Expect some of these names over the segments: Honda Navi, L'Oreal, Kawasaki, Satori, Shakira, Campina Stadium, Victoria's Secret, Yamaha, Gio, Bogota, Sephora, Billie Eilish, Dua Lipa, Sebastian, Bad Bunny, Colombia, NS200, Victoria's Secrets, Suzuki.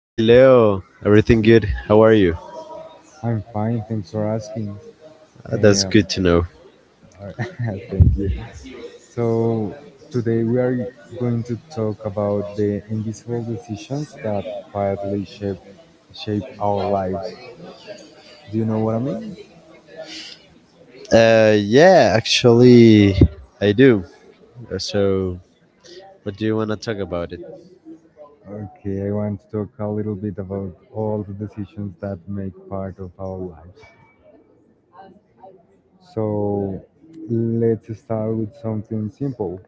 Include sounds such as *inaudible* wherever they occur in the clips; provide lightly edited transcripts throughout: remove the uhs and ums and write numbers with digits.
Hey Leo, everything good? How are you? I'm fine. Thanks for asking. That's Um, good to know. *laughs* thank you. So, today we are going to talk about the invisible decisions that quietly shape our lives. Do you know what I mean? Yeah, actually, I do. So, what do you want to talk about it? Okay, I want to talk a little bit about all the decisions that make part of our lives. So, let's start with something simple.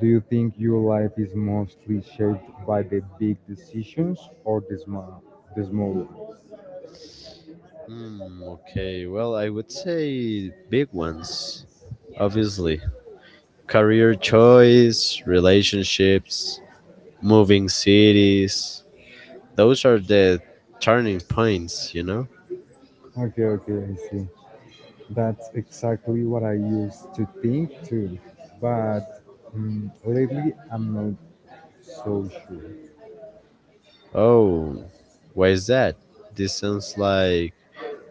Do you think your life is mostly shaped by the big decisions or the small ones? Hmm, okay. Well, I would say big ones, obviously. Career choice, relationships, moving cities. Those are the turning points, you know? Okay, okay, I see. That's exactly what I used to think too, but lately I'm not so sure. Oh, why is that? This sounds like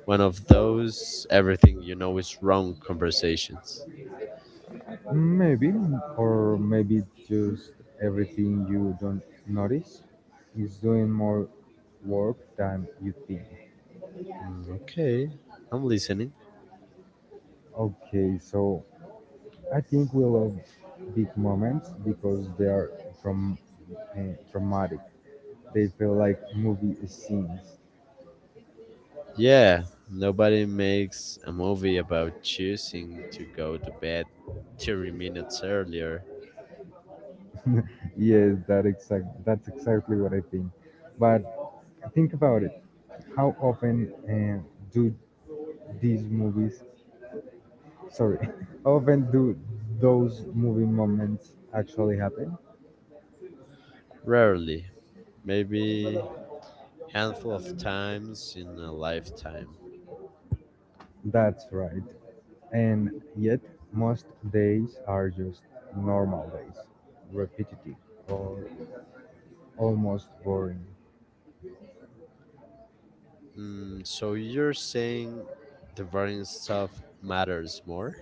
one of those everything you know is wrong conversations. Maybe, or maybe it's just everything you don't notice is doing more work than you think. Okay, I'm listening. Okay, so I think we love big moments because they are from traumatic. They feel like movie scenes. Yeah, nobody makes a movie about choosing to go to bed 30 minutes earlier. *laughs* yes, That's exactly what I think. But think about it. How often do these movies? Sorry, *laughs* how often do those movie moments actually happen? Rarely. Maybe handful of times in a lifetime. That's right. And yet, most days are just normal days, repetitive or almost boring. So you're saying the boring stuff matters more?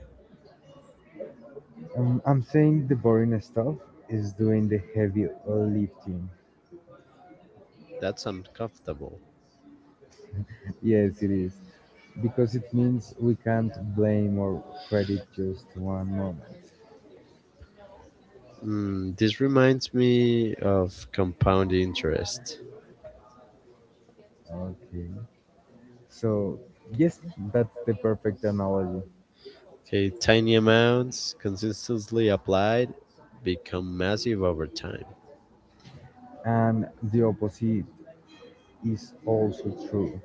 I'm saying the boring stuff is doing the heavy lifting. That's uncomfortable. *laughs* Yes, it is. Because it means we can't blame or credit just one moment. This reminds me of compound interest. Okay. So, yes, that's the perfect analogy. Okay, tiny amounts consistently applied become massive over time. And the opposite is also true.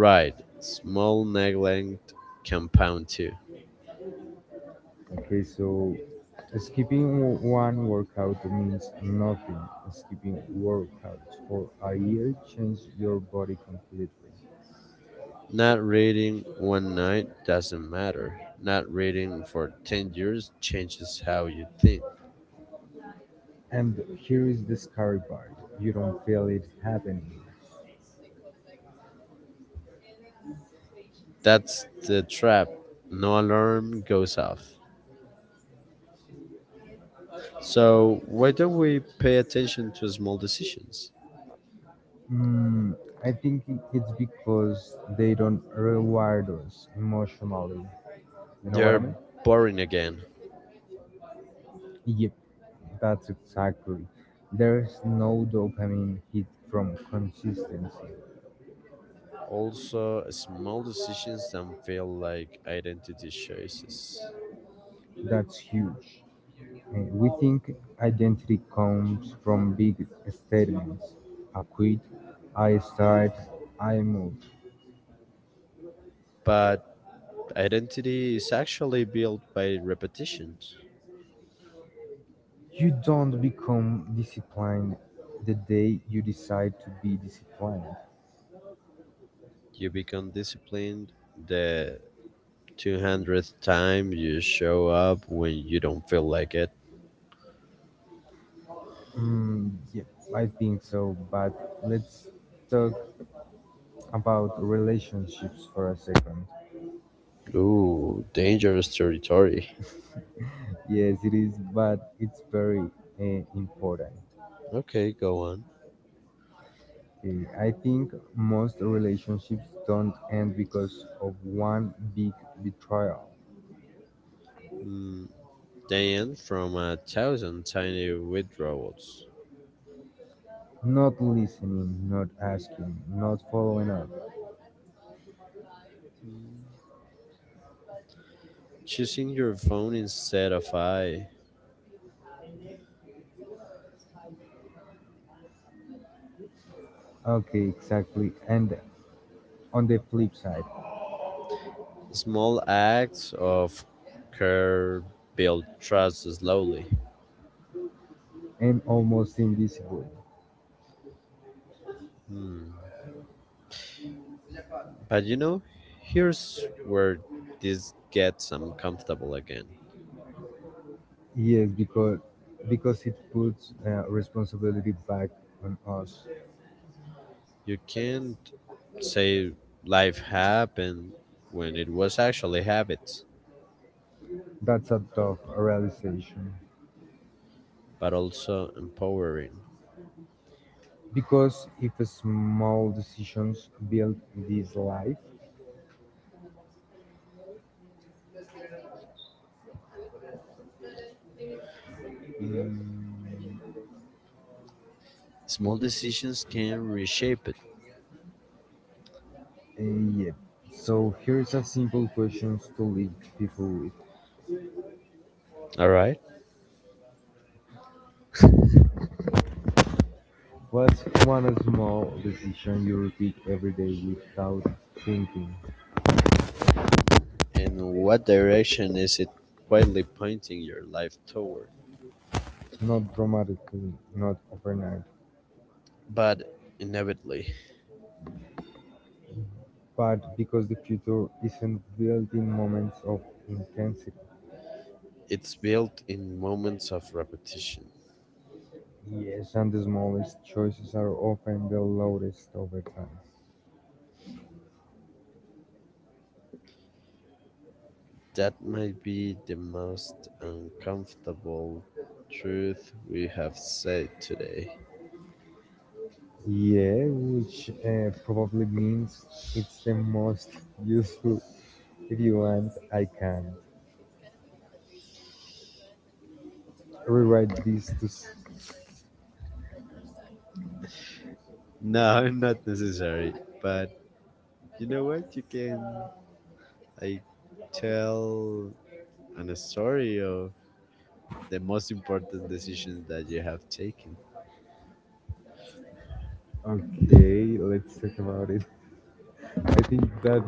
Right, small neglect compound too. Okay, so one workout means nothing. Skipping workouts for a year changes your body completely. Not reading one night doesn't matter. Not reading for 10 years changes how you think. And here is the scary part. You don't feel it happening. That's the trap. No alarm goes off. So, why don't we pay attention to small decisions? Mm, I think it's because they don't reward us emotionally. You know what I Yeah. They're mean? boring again. Yep, that's exactly. There's no dopamine hit from consistency. Also, small decisions that feel like identity choices. That's huge. We think identity comes from big statements. I quit, I start, I move. But identity is actually built by repetitions. You don't become disciplined the day you decide to be disciplined. You become disciplined the 200th time you show up when you don't feel like it. Yeah, I think so, but let's talk about relationships for a second. Ooh, dangerous territory. Yes, it is, but it's very important. Okay, go on. Okay, I think most relationships don't end because of one big betrayal. Mm, they end from a thousand tiny withdrawals. Not listening, not asking, not following up. Choosing your phone instead of I. Okay, exactly. And on the flip side, Small acts of care build trust slowly. and almost invisible. Hmm. But here's where this gets uncomfortable again. Yes, because it puts responsibility back on us. You can't say life happened when it was actually habits, That's a tough realization. but also empowering. Because if small decisions build this life, Mm, small Small decisions decisions can can reshape reshape it. it. Yeah. So here's a simple question to leave people with. All right. What's one small decision you repeat every day without thinking? And what direction is it quietly pointing your life toward? Not dramatically, not overnight, But inevitably, but because the future isn't built in moments of intensity. it's built in moments of repetition. Yes, and the smallest choices are often the loudest over time. That might be the most uncomfortable truth we have said today. Yeah, which probably means it's the most *laughs* useful. If you want, I can't rewrite this to. No, *laughs* not necessary. But you know what? You can I tell an a story of the most important decisions that you have taken. Okay, let's talk about it. *laughs* I think that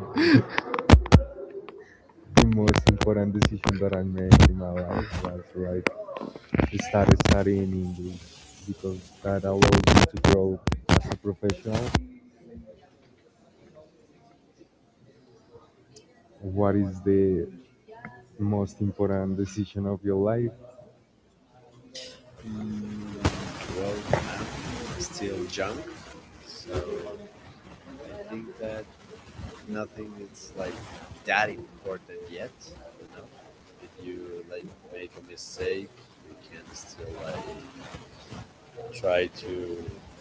the most important decision that I make in my life was like start studying English because that allows me to grow a professional. What is the most important decision of your life? Mm, well, I'm still young, so I think that nothing is like that important yet. You know, if you like make a mistake, you can still like try to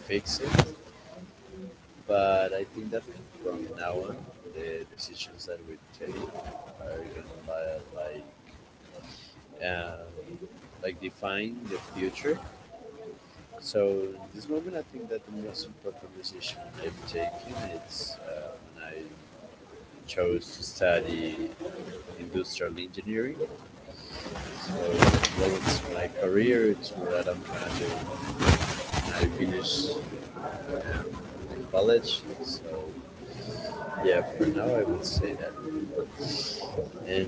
fix it. But I think that from now on, the decisions that we take are gonna uh, like define the future. So in this moment, I think that the most important decision I've taken is when I chose to study industrial engineering. So towards my career, it's what I'm gonna do when I finish um, the college. So yeah, for now I would say that. And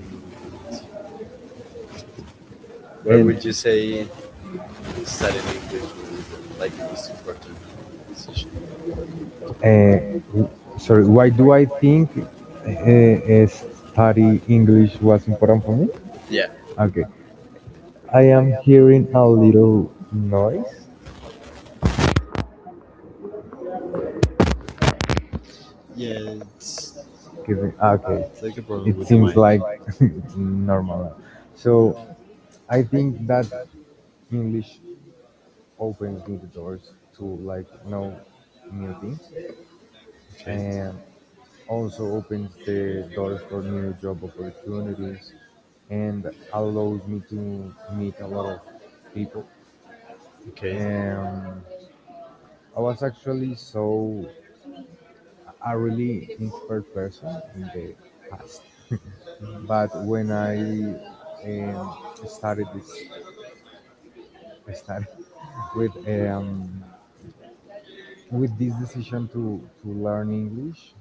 where And would you say studying English was like the most important decision? uh, sorry, why do I think study English was important for me? Yeah. Okay, I am hearing a little noise. Yeah, it's okay, like a problem it with the seems mind. like *laughs* it's normal. So I think that English opens me the doors to like know new things, Okay. and also opens the doors for new job opportunities, and allows me to meet a lot of people. Okay. And I was actually so a really introvert person in the past, but when I um, started this, I started *laughs* with um, with this decision to learn English,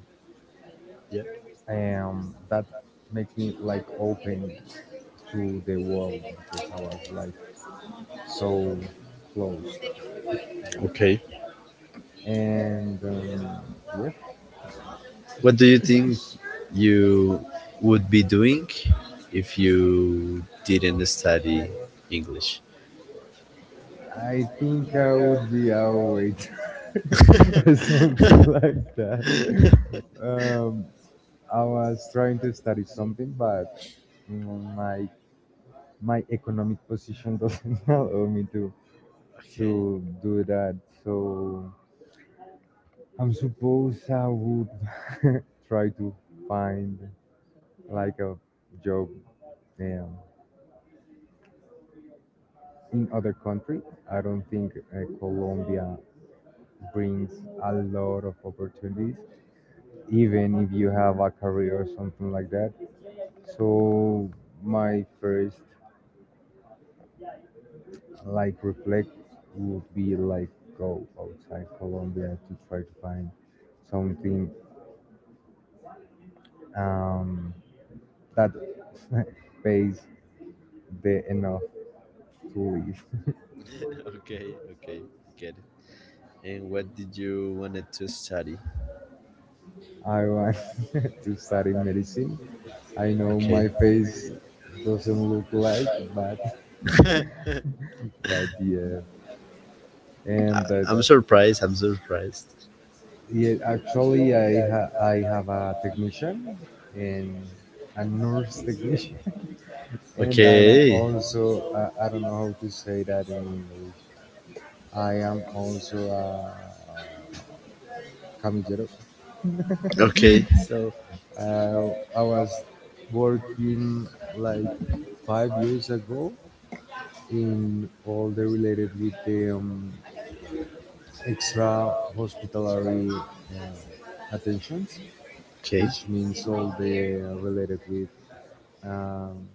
Yeah. and that makes me like open to the world because I was like so closed. Okay. And yeah, What do you think you would be doing if you didn't study English? I think I would be a waiter *laughs* *laughs* or Okay, something *laughs* like that. Um, I was trying to study something, but my economic position doesn't *laughs* allow me to do that. So I am suppose I would *laughs* try to find like a job um, in other country. I don't think Colombia brings a lot of opportunities, okay, even if you have a career or something like that. So my first like reflect would be like go outside Colombia to try to find something um, that *laughs* pays the enough. Please. *laughs* okay, okay. I get it. And what did you wanted to study? *laughs* I want *laughs* to study medicine. I know my face doesn't look like, Okay. *laughs* But yeah, and that I'm surprised. I'm surprised. yeah, actually I I have a technician and a nurse technician, and I'm Okay. also I don't know how to say that in English. I am also a camillero. Okay. *laughs* so uh, I was working like 5 years ago in all the related with the extra hospitalary um attentions, Okay. which means all the related with um,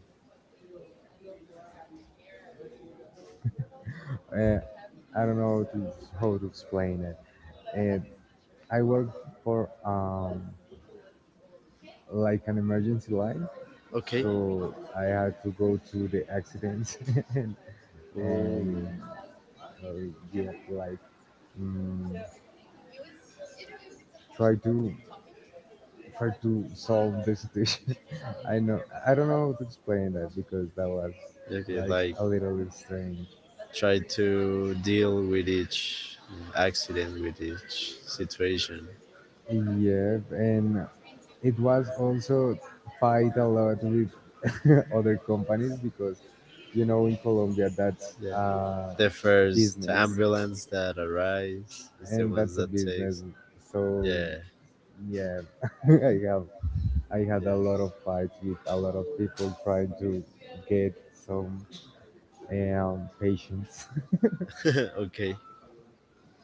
uh, I don't know how to explain it. And I work for like an emergency line, Okay. so I had to go to the accidents *laughs* and Oh. and uh, yeah, like mm, try to solve the situation. *laughs* I know I don't know how to explain that because that was Okay. like Like a little strange. try to deal with each accident, with each situation. Yeah, and it was also fight a lot with *laughs* other companies because you know in Colombia that's Yeah. a Differs to business, ambulance that arrives is the and ones that's a that business. takes. So Yeah, yeah, *laughs* I have I had a lot of yeah, fights with a lot of people trying to get some patience. *laughs* okay,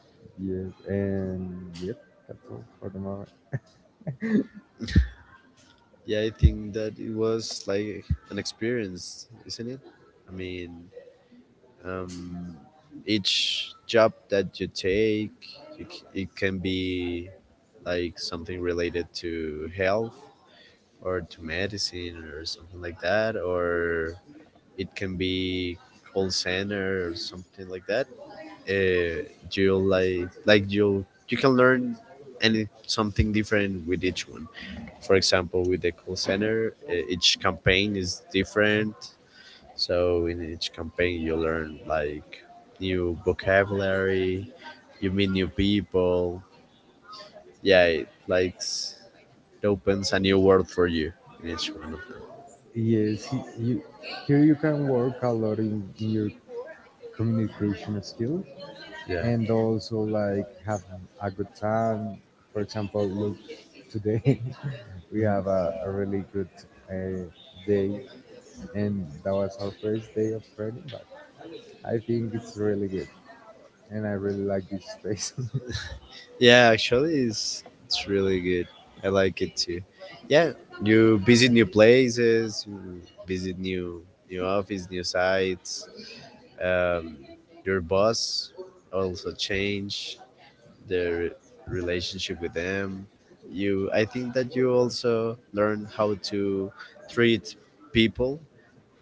*laughs* yes, and yep, that's all for the moment. yeah, I think that it was like an experience, isn't it? I mean, um each job that you take, it can be like something related to health or to medicine or something like that, or it can be call center or something like that. uh, you like you can learn any something different with each one. For example, with the call center, each campaign is different. So in each campaign you learn like new vocabulary, you meet new people. Yeah, it opens a new world for you in each one of them. Yes, here you can work a lot in your communication skills Yeah. and also like have a good time. For example, look, today *laughs* we have a really good uh, day, and that was our first day of training, but I think it's really good, and I really like this space. *laughs* Yeah, actually, it's really good. I like it too. Yeah, you visit new places, you visit new office, new sites. Um, your boss also change the relationship with them. I think that you also learn how to treat people,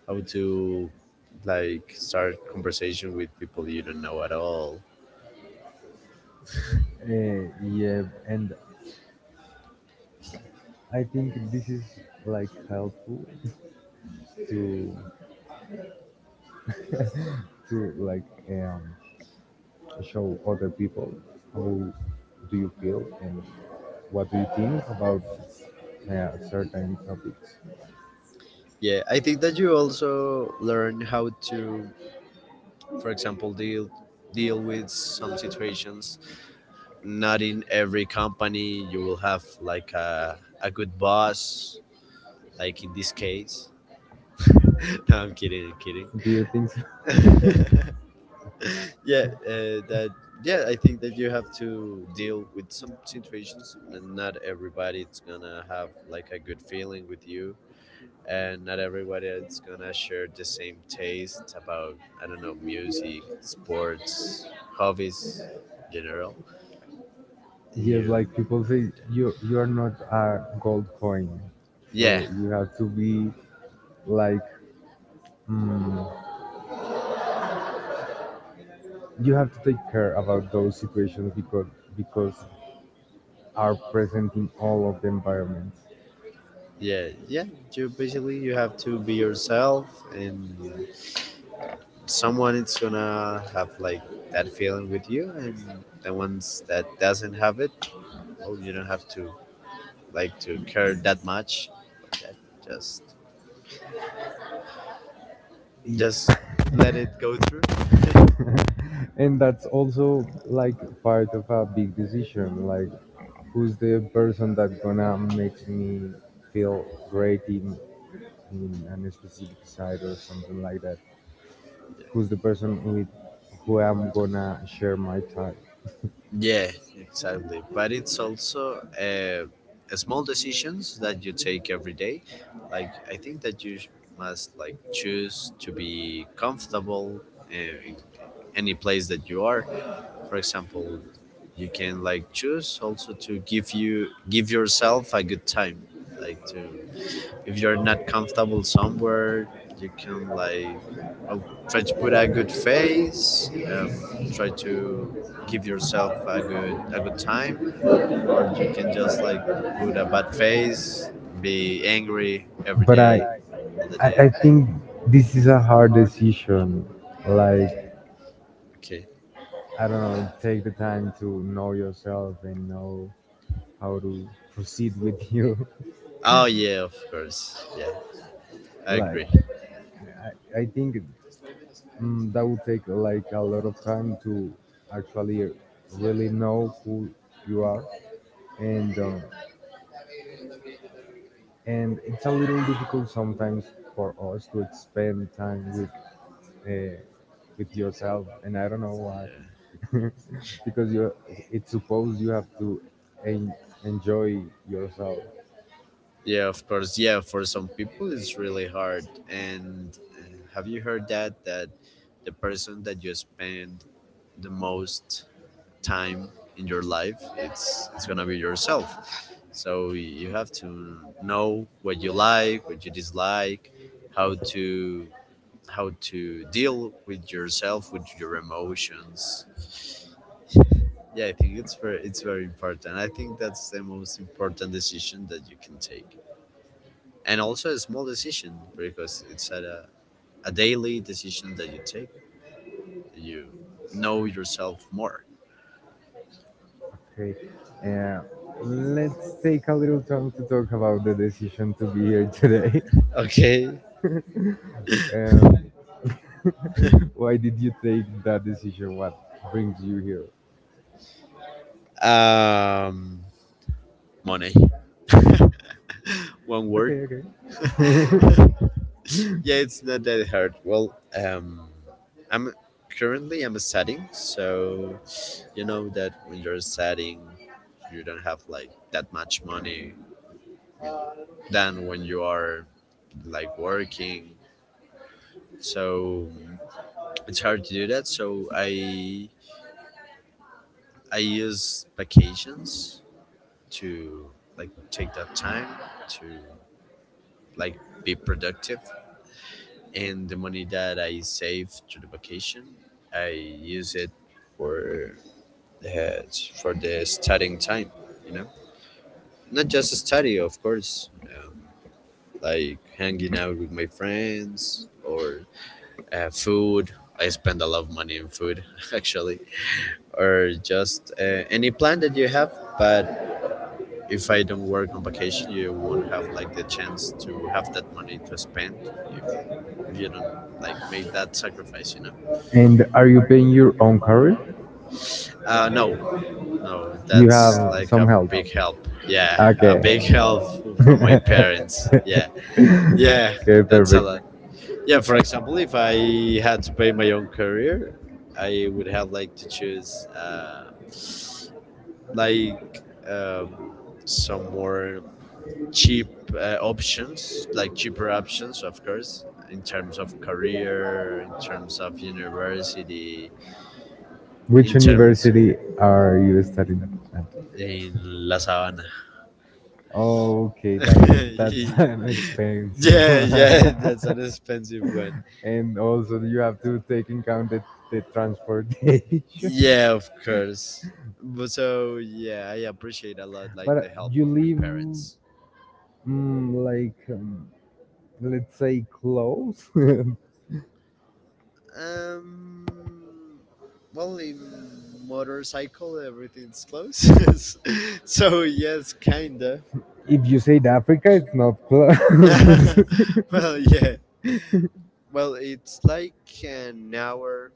how to like start conversation with people you don't know at all. Eh, yeah, and I think this is like helpful *laughs* to *laughs* to like show other people how do you feel and what do you think about certain topics. Yeah, I think that you also learn how to for example deal with some situations. Not in every company you will have like a good boss, like in this case. *laughs* No, I'm kidding, I'm Do you think so? kidding. *laughs* Yeah, that. Yeah, I think that you have to deal with some situations, and not everybody it's gonna have like a good feeling with you. And not everybody is gonna share the same taste about, I don't know, music, sports, hobbies in general. *laughs* yes, You. like people say you are not a gold coin, Yeah, so you have to be like. mm, you have to take care about those situations because are present in all of the environments. yeah, yeah, you basically, you have to be yourself, and someone is gonna have like that feeling with you, and the ones that doesn't have it, well, you don't have to like to care that much. But that, just Yeah. just let it go through. *laughs* And that's also like part of a big decision like who's the person that gonna makes me feel great in an specific side or something like that, who's the person with who I'm gonna share my time. Yeah, exactly. But it's also uh, small decisions that you take every day. Like, I think that you must like choose to be comfortable in any place that you are. For example, you can like choose also to give yourself a good time, like to if you're not comfortable somewhere, you can like, well, try to put a good face. um, Try to give yourself a good time. Or you can just like put a bad face, be angry every but day, i all the day. I think this is a hard decision like Okay. I don't know, take the time to know yourself and know how to proceed with you. Oh yeah, of course. Yeah, *laughs* I agree. Like, I think that would take like a lot of time to actually really know who you are, and um, and it's a little difficult sometimes for us to spend time with. Uh, with yourself, and I don't know why Yeah. *laughs* because you it's supposed you have to en- enjoy yourself. Yeah, of course. Yeah, for some people it's really hard. And have you heard that the person that you spend the most time in your life, it's going to be yourself. So you have to know what you like, what you dislike, how to how to deal with yourself, with your emotions. Yeah, I think it's very important. I think that's the most important decision that you can take, and also a small decision because it's at a daily decision that you take. You know yourself more. Okay, uh, let's take a little time to talk about the decision to be here today. Okay. *laughs* um, *laughs* why did you take that decision? What brings you here? um Money. *laughs* One word. Okay, okay. *laughs* *laughs* Yeah, it's not that hard. Well, I'm currently I'm studying. So you know that when you're studying, you don't have like that much money than when you are like working. So it's hard to do that. So I use vacations to like take that time to like be productive. And the money that I save to the vacation, I use it for uh, for the studying time, you know not just study of course. Like hanging out with my friends or food. I spend a lot of money on food *laughs* actually. Or just any plan that you have. But if I don't work on vacation, you won't have like the chance to have that money to spend if you don't like make that sacrifice. and are you paying your own career? No, no, You that's have like a some help. big help. Yeah, a Okay. big help *laughs* from my *laughs* parents. okay, Yeah, yeah, that's a perfect. lot. Yeah, for example, if I had to pay my own career, I would have like to choose like um, some more cheap options, like cheaper options, of course, in terms of career, in terms of university, in Which which terms. university are you studying at? In La Sabana. Oh, okay, *laughs* that that's *laughs* an expensive Yeah, yeah, that's an one. *laughs* expensive one. and also you have to take in count the transportation. Yeah, of *laughs* course. But so yeah, I appreciate a lot like the But help you of my live parents. Like let's say close. *laughs* Um, well, in motorcycle everything's close. *laughs* So yes, kinda. If you said Africa, it's not close. *laughs* Well, *laughs* yeah. Well, it's like an hour.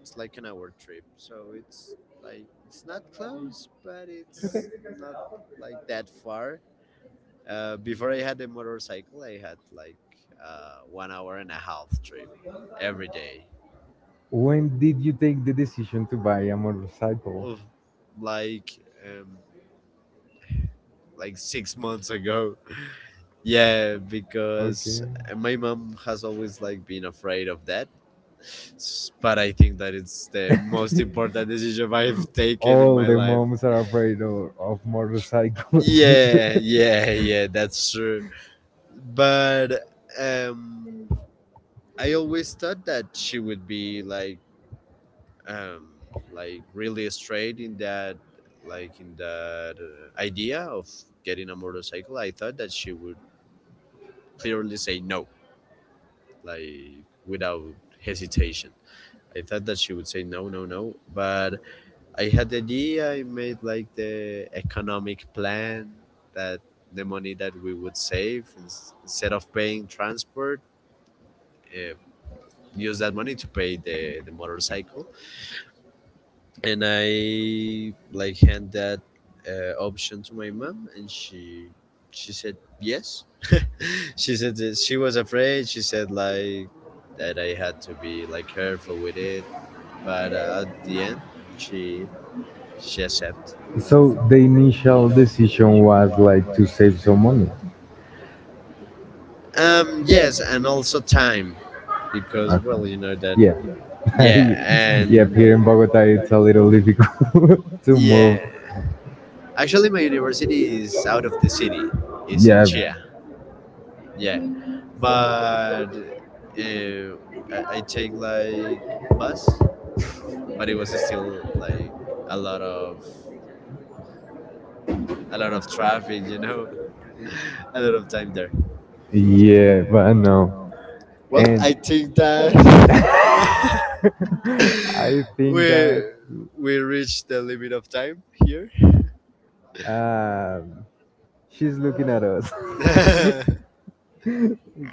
It's like an hour trip. So it's like it's not close, but it's not like that far. Before I had the motorcycle, I had like 1 hour and a half trip every day. Well, when did you take the decision to buy a motorcycle? Of like um, like 6 months ago. *laughs* Yeah, because Okay. my mom has always like been afraid of that. But I think that it's *laughs* the most important decision I've taken in All my the life. moms are afraid of motorcycles. *laughs* Yeah, yeah, yeah, that's true. But um I always thought that she would be um like really straight in that, like in that idea of getting a motorcycle. I thought that she would clearly say no, like without hesitation. I thought that she would say no, no, no, but I had the idea. I made like the economic plan that the money that we would save instead of paying transport, uh, use that money to pay the motorcycle. And I like hand that option to my mom, and she said yes. *laughs* She said that she was afraid. She said like that I had to be like careful with it, but at the end, she she accepted. So the initial decision was like to save some money. Yes, and also time because Uh, well, you know that. yeah. *laughs* Yeah, I- yeah, and here in Bogota it's a little difficult *laughs* to yeah. move. Actually, my university is out of the city. It's in Yeah, Chia. Yeah, but I take like bus, but it was still like a lot of a lot of traffic. You know, *laughs* a lot of time there. yeah, but no. Well, And *laughs* I I think that. *laughs* think we that we reached the limit of time here. um, she's looking at us. *laughs* *laughs*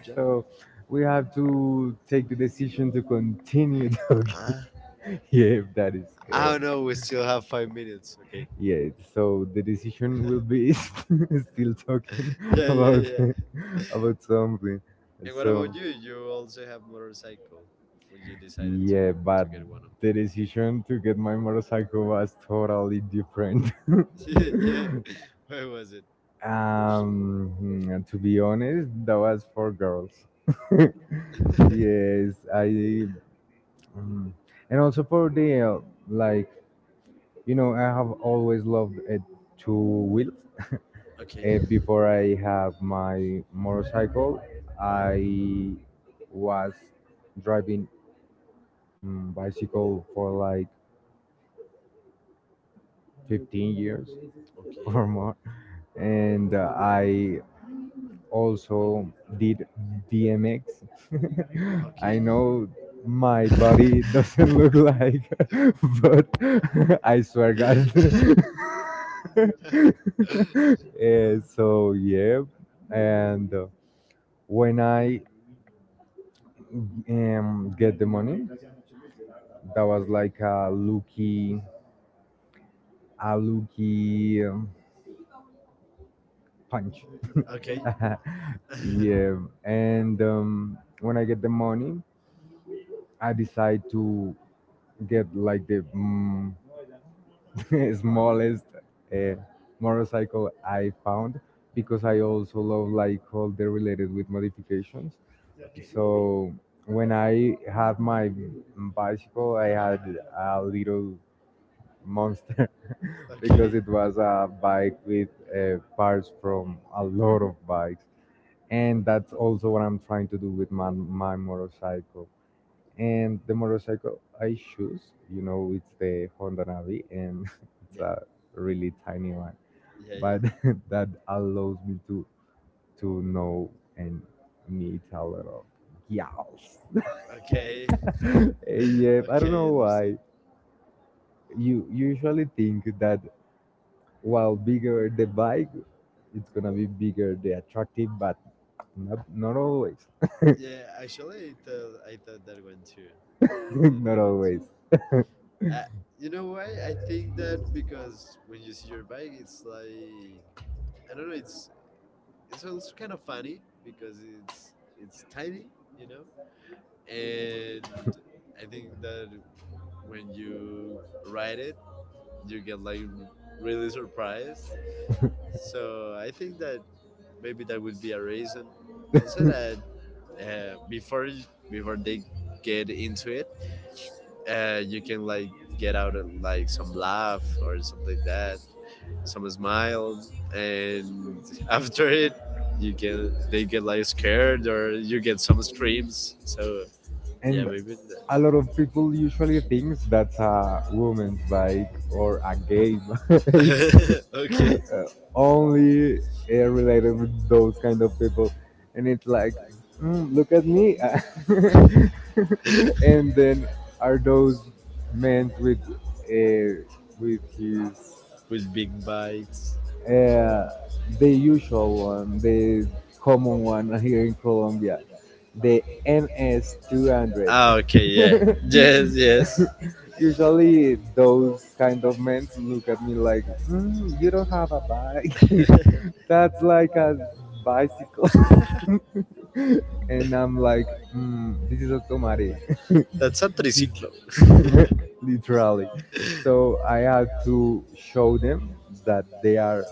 Jen? So we have to take the decision to continue *laughs* talking. Yeah, if that is I don't correct. know. We still have 5 minutes. Okay. Yeah, so the decision will *laughs* be *laughs* still talking *laughs* Yeah, yeah, about yeah. *laughs* about something. And what So about you? You also have motorcycle. When you decided to yeah, to but get one of them. the *laughs* decision to get my motorcycle was totally different. Yeah, yeah. *laughs* Where was it? Hmm, to be honest, that was for girls. *laughs* *laughs* Yes, I. Mhm. And also for the like, you know, I have always loved two wheels. Okay, Before I have my motorcycle, I was driving bicycle for like 15 years *laughs* okay, or more, and I also did BMX. *laughs* I okay. know my body *laughs* doesn't look like, *laughs* but *laughs* I swear, God. *laughs* *laughs* So yeah, and when I get the money, that was like a lucky punch. *laughs* Okay, *laughs* Yeah, and when I get the money, I decide to get like the *laughs* smallest uh, motorcycle I found because I also love like all the related with modifications. okay, So when I had my bicycle, I had a little monster *laughs* because okay. it was a bike with parts from a lot of bikes, and that's also what I'm trying to do with my motorcycle. And the motorcycle I choose, you know, it's the Honda Navi, and *laughs* it's Yeah, a really tiny one, yeah, yeah. but *laughs* that allows me to know and meet a lot of gals. Okay, Yeah, *laughs* I don't okay, know why. understand. You usually think that while bigger the bike, it's gonna be bigger the attractive, but not always, Yeah, actually, I thought that one too. *laughs* That not that one always. too. Uh, you know why? I think that because when you see your bike, it's like I don't know. It's also kind of funny because it's tiny, you know. And I think that when you ride it, you get like really surprised. So I think that maybe that would be a reason. Also, that uh, before before they get into it, you can like get out of, like some laugh or something like that, some smile, and *laughs* after it, you can they get like scared or you get some screams. So yeah, And maybe a that. lot of people usually thinks that's a woman's bike or a gay *laughs* bike. *laughs* Okay, uh, Only related with those kind of people, and it's like look at me *laughs* and then are those men uh, with his with big bites. uh, the usual one, the common one here in Colombia, the NS200. Ah, okay, yeah, yes, yes. *laughs* Usually, those kind of men look at me like, mm, you don't have a bike. *laughs* *laughs* That's like a bicycle. *laughs* And I'm like, mm, this is a automatic. That's a *laughs* This, triciclo. *laughs* literally. So I had to show them that they are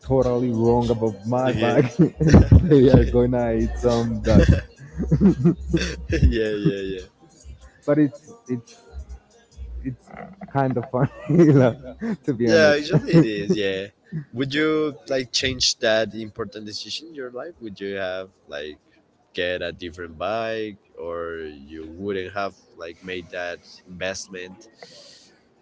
totally wrong about my Okay. bag *laughs* and *laughs* they are okay. gonna eat some dust. *laughs* *laughs* Yeah, yeah, yeah. But it's kind of funny *laughs* like, to be Yeah, honest. actually it is, *laughs* yeah. Would you like change that important decision in your life? Would you have like get a different bike, or you wouldn't have like made that investment?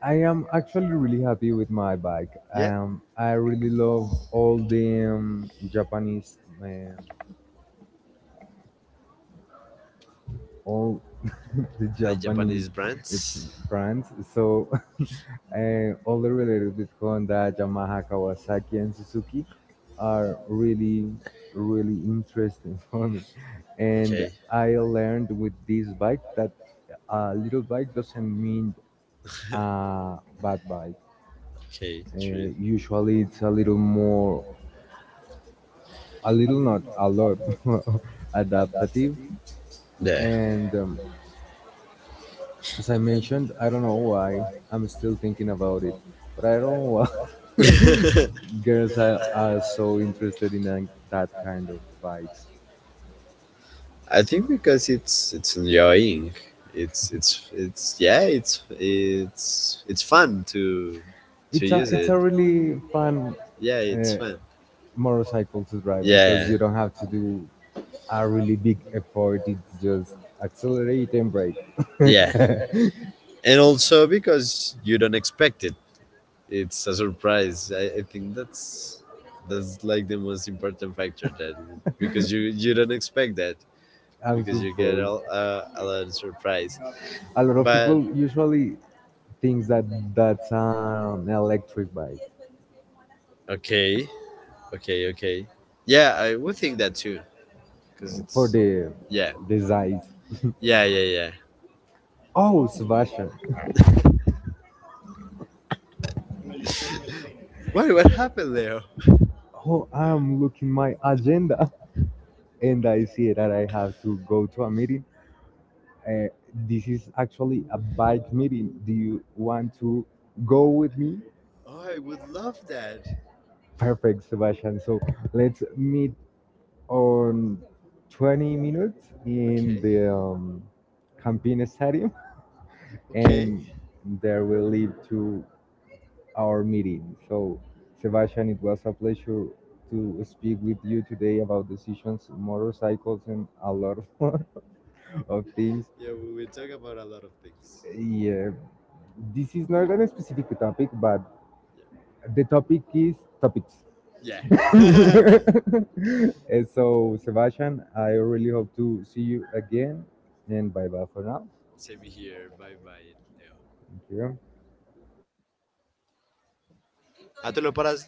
I am actually really happy with my bike. Yeah, I really love all the Japanese um, all *laughs* the like Japanese Japanese it's brands. brands. So *laughs* all the related with Honda, Yamaha, Kawasaki, and Suzuki are really, really interesting *laughs* for me. And Okay, I learned with this bike that a little bike doesn't mean a bad bike. okay, Uh, true. Usually, it's a little not a lot *laughs* more adaptative and. As I mentioned, I don't know why I'm still thinking about it, but I don't know why Yeah. *laughs* *laughs* girls are so interested in that kind of bikes. I think because it's enjoying. It's Yeah. It's fun to use It's it. a really fun Yeah, it's uh, fun. motorcycle to drive Yeah, because you don't have to do a really big effort. It's just accelerate and brake. yeah, *laughs* and also because you don't expect it. It's a surprise. I think that's like the most important factor, that because you don't expect that, I'm because you get supposed. all, a lot of surprise. A lot of But people usually thinks that that's an electric bike okay, okay, okay. Yeah, I would think that too because for it's. Yeah. the size. Yeah, yeah, yeah. Oh, Sebastian. *laughs* What happened, Leo? Oh, I'm looking my agenda *laughs* and I see that I have to go to a meeting. Uh, this is actually a bike meeting. Do you want to go with me? Oh, I would love that. Perfect, Sebastian. So let's meet on 20 minutes in Okay. the Campina Stadium, Okay. and there we leave to our meeting. So, Sebastian, it was a pleasure to speak with you today about decisions, motorcycles, and a lot of *laughs* more of things. Yeah, we will talk about a lot of things. Yeah, this is not a specific topic, but the topic is topics. Yeah. Yeah. *laughs* So, Sebastian, I really hope to see you again, and bye bye for now. Send me here. Bye bye, Leo. Thank you. Ah, tú lo paras